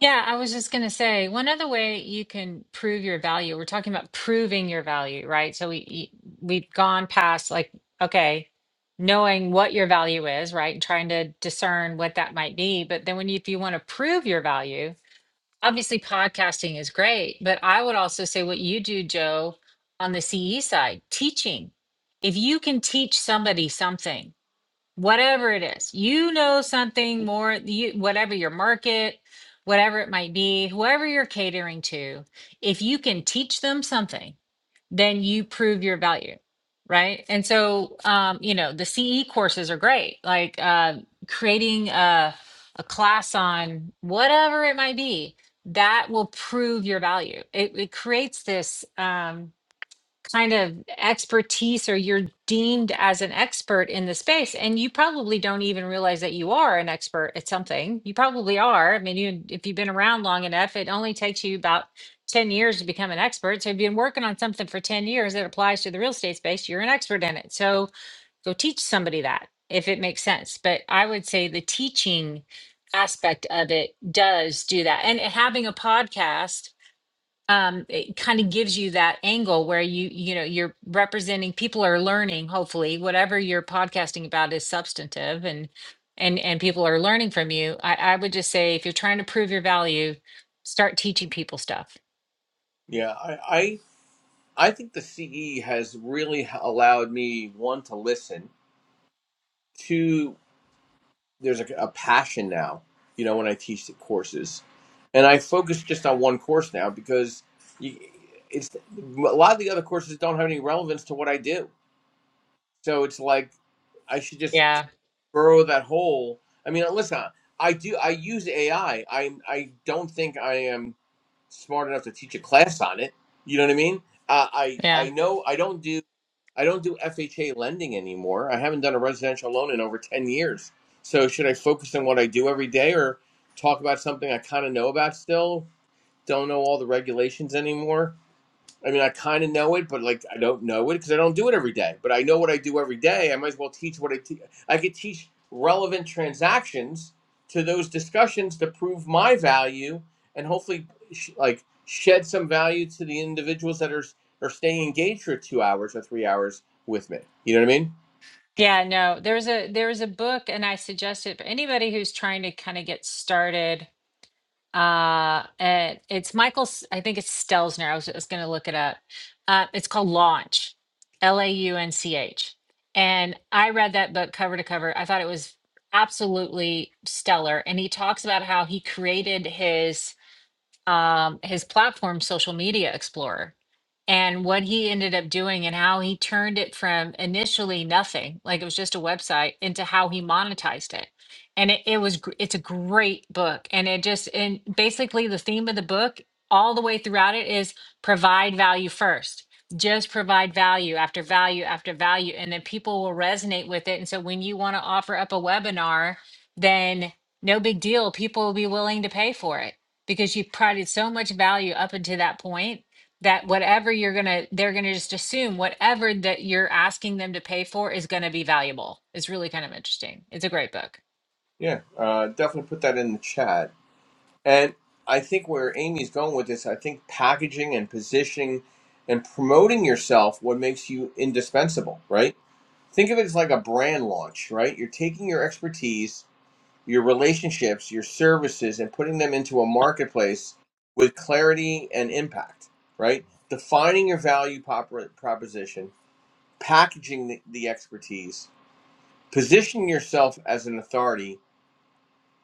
Yeah, I was just going to say one other way you can prove your value. We're talking about proving your value, right? So we we've gone past like okay, knowing what your value is, right? And trying to discern what that might be, but then when you, if you want to prove your value, obviously podcasting is great, but I would also say what you do, Joe, on the CE side, teaching. If you can teach somebody something, whatever it is you know something more you, whatever your market whatever it might be whoever you're catering to if you can teach them something then you prove your value right and so um, you know the ce courses are great like uh, creating a, a class on whatever it might be that will prove your value it, it creates this um, kind of expertise or you're deemed as an expert in the space and you probably don't even realize that you are an expert at something you probably are i mean you if you've been around long enough it only takes you about 10 years to become an expert so if you've been working on something for 10 years that applies to the real estate space you're an expert in it so go teach somebody that if it makes sense but i would say the teaching aspect of it does do that and having a podcast um it kind of gives you that angle where you you know you're representing people are learning hopefully whatever you're podcasting about is substantive and and and people are learning from you i i would just say if you're trying to prove your value start teaching people stuff
Yeah, I, I I think the CE has really allowed me one to listen. Two, there's a, a passion now. You know, when I teach the courses, and I focus just on one course now because you, it's a lot of the other courses don't have any relevance to what I do. So it's like I should just
yeah
burrow that hole. I mean, listen, I do. I use AI. I I I don't think I am smart enough to teach a class on it. You know what I mean? Uh, I
yeah
I know I don't do. I don't do FHA lending anymore. I haven't done a residential loan in over 10 years. So should I focus on what I do every day or talk about something I kind of know about still? Don't know all the regulations anymore I mean, I kind of know it, but like I don't know it because I don't do it every day. But I know what I do every day. I might as well teach what I teach. I could teach relevant transactions to those discussions to prove my value and hopefully sh- like shed some value to the individuals that are are staying engaged for two hours or three hours with me. You know what I mean?
yeah no there's a there was a book and i suggest it for anybody who's trying to kind of get started Uh, and it's Michael, S- I think it's Stelzner. I was I was going to look it up. Uh, it's called Launch, L A U N C H. And I read that book cover to cover. I thought it was absolutely stellar. And he talks about how he created his um, his platform, Social Media Explorer, and what he ended up doing and how he turned it from initially nothing, like it was just a website, into how he monetized it. And it, it was, gr- it's a great book. And it just, and basically the theme of the book all the way throughout it is provide value first. Just provide value after value after value. And then people will resonate with it. And so when you want to offer up a webinar, then no big deal. People will be willing to pay for it because you provided so much value up until that point that whatever you're gonna they're gonna just assume whatever that you're asking them to pay for is gonna be valuable it's really kind of interesting it's a great book
Yeah, uh, definitely put that in the chat. And I think where Amy's going with this, I think packaging and positioning and promoting yourself what makes you indispensable, right? think of it as like a brand launch, right? You're taking your expertise, your relationships, your services, and putting them into a marketplace with clarity and impact, right? Defining your value prop- proposition, packaging the, the expertise, positioning yourself as an authority,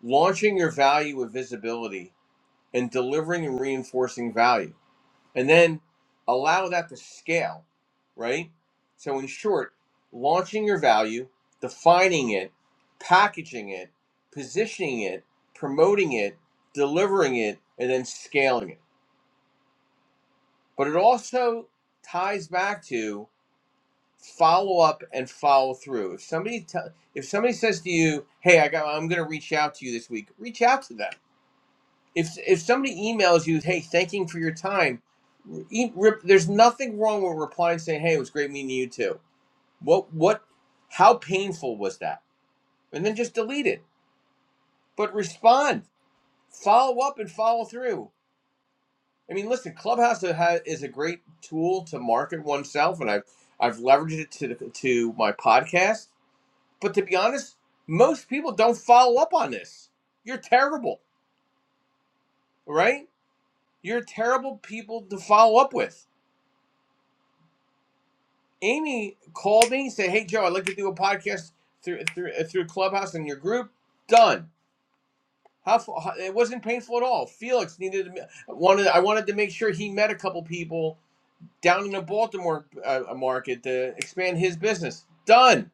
launching your value with visibility, and delivering and reinforcing value and then allow that to scale, right? So, in short, launching your value, defining it, packaging it, positioning it, promoting it, delivering it, and then scaling it. But it also ties back to follow up and follow through. If somebody t- if somebody says to you, "Hey, I got I'm going to reach out to you this week." Reach out to them if if somebody emails you, hey, thanking for your time, e- rip, there's nothing wrong with replying saying, hey, it was great meeting you too. What what? How painful was that? And then just delete it. But respond, follow up, and follow through. I mean, listen, Clubhouse is ha- is a great tool to market oneself, and I've I've leveraged it to the, to my podcast. But to be honest, most people don't follow up on this. You're terrible, right? You're terrible people to follow up with Amy called me, and said, "Hey Joe, I'd like to do a podcast through through uh, through Clubhouse and your group." Done. How, how it wasn't painful at all. Felix needed wanted I wanted to make sure he met a couple people down in the Baltimore uh, market to expand his business. Done.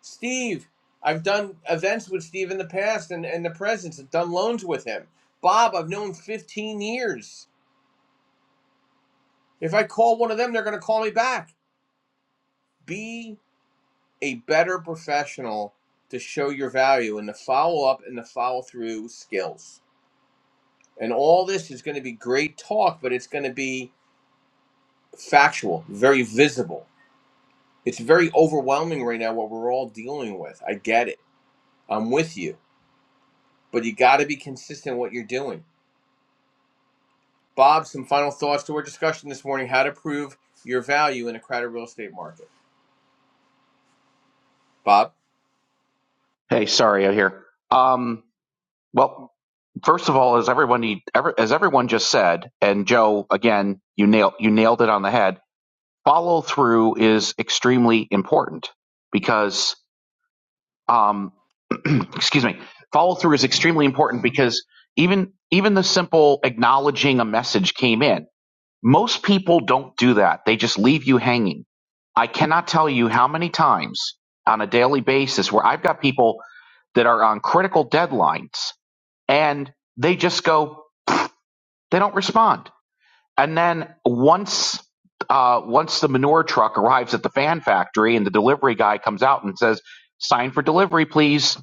Steve, I've done events with Steve in the past and and the present. I've done loans with him. Bob, I've known 15 years. If I call one of them, they're going to call me back. Be a better professional to show your value and the follow up and the follow through skills. And all this is going to be great talk, but it's going to be factual, very visible. It's very overwhelming right now what we're all dealing with. I get it. I'm with you. But you got to be consistent in what you're doing. Bob, some final thoughts to our discussion this morning how to prove your value in a crowded real estate market. Bob,
Hey, sorry, I hear. Um, Well, first of all, as everyone need, ever, as everyone just said, and Joe, again, you nailed you nailed it on the head. Follow through is extremely important because, um, excuse me, follow through is extremely important because even even the simple acknowledging a message came in. Most people don't do that. They just leave you hanging. I cannot tell you how many times on a daily basis where I've got people that are on critical deadlines and they just go they don't respond and then once uh, once the manure truck arrives at the fan factory and the delivery guy comes out and says sign for delivery please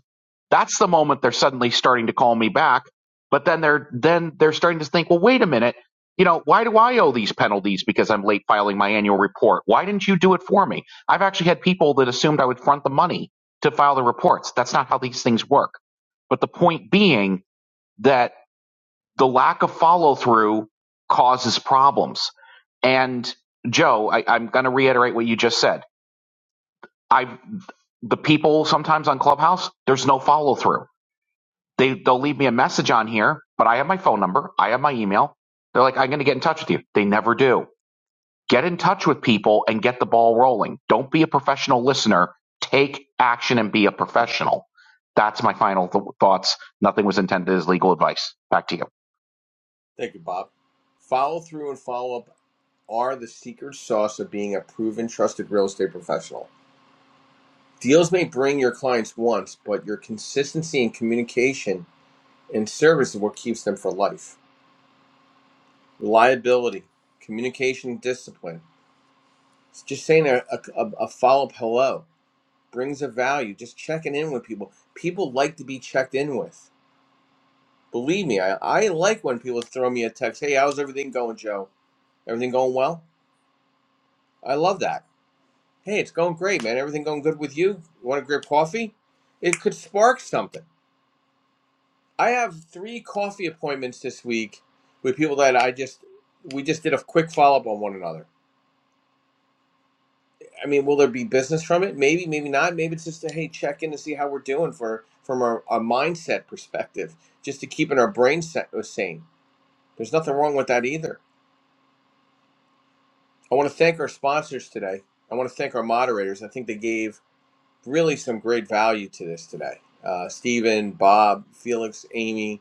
that's the moment they're suddenly starting to call me back but then they're then they're starting to think well wait a minute you know why do i owe these penalties because i'm late filing my annual report why didn't you do it for me i've actually had people that assumed i would front the money to file the reports that's not how these things work but the point being that the lack of follow through causes problems. And Joe, I, I'm going to reiterate what you just said. I the people sometimes on Clubhouse, there's no follow through. They they'll leave me a message on here, but I have my phone number, I have my email. They're like, I'm going to get in touch with you. They never do. Get in touch with people and get the ball rolling. Don't be a professional listener. Take action and be a professional. That's my final th- thoughts. Nothing was intended as legal advice. Back to you.
thank you, Bob. Follow through and follow up are the secret sauce of being a proven trusted real estate professional. Deals may bring your clients once, but your consistency in communication and service is what keeps them for life. Reliability, communication discipline. It's just saying a, a, a follow up hello brings a value. Just checking in with people. People like to be checked in with. Believe me, I, I like when people throw me a text Hey, how's everything going, Joe? Everything going well? I love that Hey, it's going great, man. Everything going good with you? You want a grab coffee? It could spark something. I have three coffee appointments this week with people that I just we just did a quick follow up on one another. I mean, will there be business from it? Maybe, maybe not. Maybe it's just a hey, check in to see how we're doing for from our, our mindset perspective, just to keeping our brain set, sane. There's nothing wrong with that either. I want to thank our sponsors today. I want to thank our moderators. I think they gave really some great value to this today. Uh, Stephen, Bob, Felix, Amy,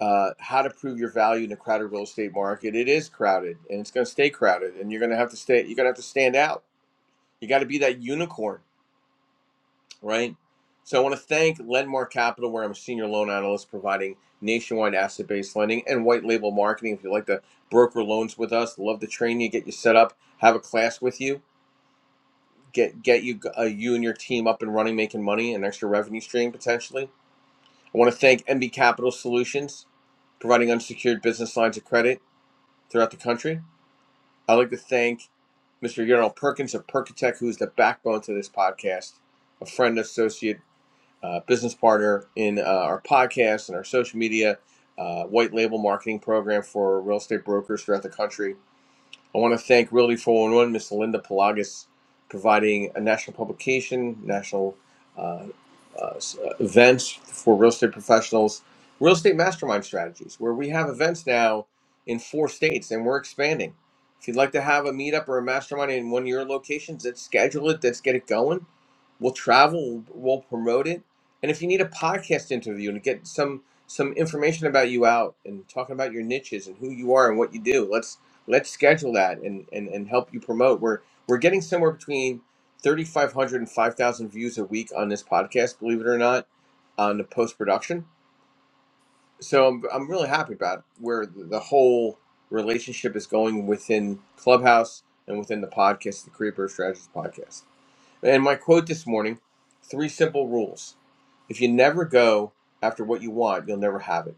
uh, how to prove your value in a crowded real estate market. It is crowded, and it's going to stay crowded, and you're going to have to stay. You're going to have to stand out. You got to be that unicorn, right? So I want to thank Lendmark Capital, where I'm a senior loan analyst, providing nationwide asset-based lending and white label marketing. If you'd like to broker loans with us, love to train you, get you set up, have a class with you, get get you uh, you and your team up and running, making money, an extra revenue stream potentially I want to thank MB Capital Solutions, providing unsecured business lines of credit throughout the country. I'd like to thank Mr. Gerald Perkins of Perkatech, who is the backbone to this podcast, a friend, associate, uh, business partner in uh, our podcast and our social media, uh, white label marketing program for real estate brokers throughout the country. I want to thank Realty 411, Ms. Linda Pelagas, providing a national publication, national uh, uh, uh, events for real estate professionals, real estate mastermind strategies, where we have events now in four states and we're expanding. If you'd like to have a meetup or a mastermind in one of your locations, let's schedule it, let's get it going. We'll travel, we'll promote it. And if you need a podcast interview and get some some information about you out and talking about your niches and who you are and what you do, let's. Let's schedule that and, and, and help you promote. We're we're getting somewhere between thirty five hundred and five thousand views a week on this podcast, believe it or not, on the post production. So I'm, I'm really happy about where the the whole relationship is going within Clubhouse and within the podcast, the Career Birth Strategist podcast. And my quote this morning three simple rules. If you never go after what you want, you'll never have it.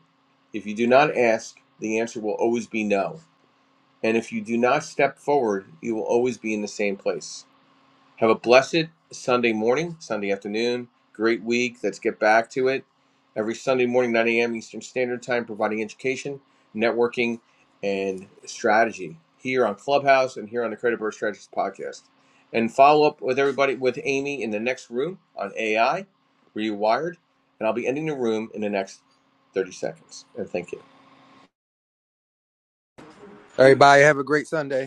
If you do not ask, the answer will always be no. And if you do not step forward, you will always be in the same place. Have a blessed Sunday morning, Sunday afternoon, great week. Let's get back to it. Every Sunday morning, 9 a.m. Eastern Standard Time, providing education, networking, and strategy here on Clubhouse and here on the Credit Bird Strategist podcast. And follow up with everybody with Amy in the next room on AI, Rewired. And I'll be ending the room in the next 30 seconds. And thank you.
Everybody have a great Sunday.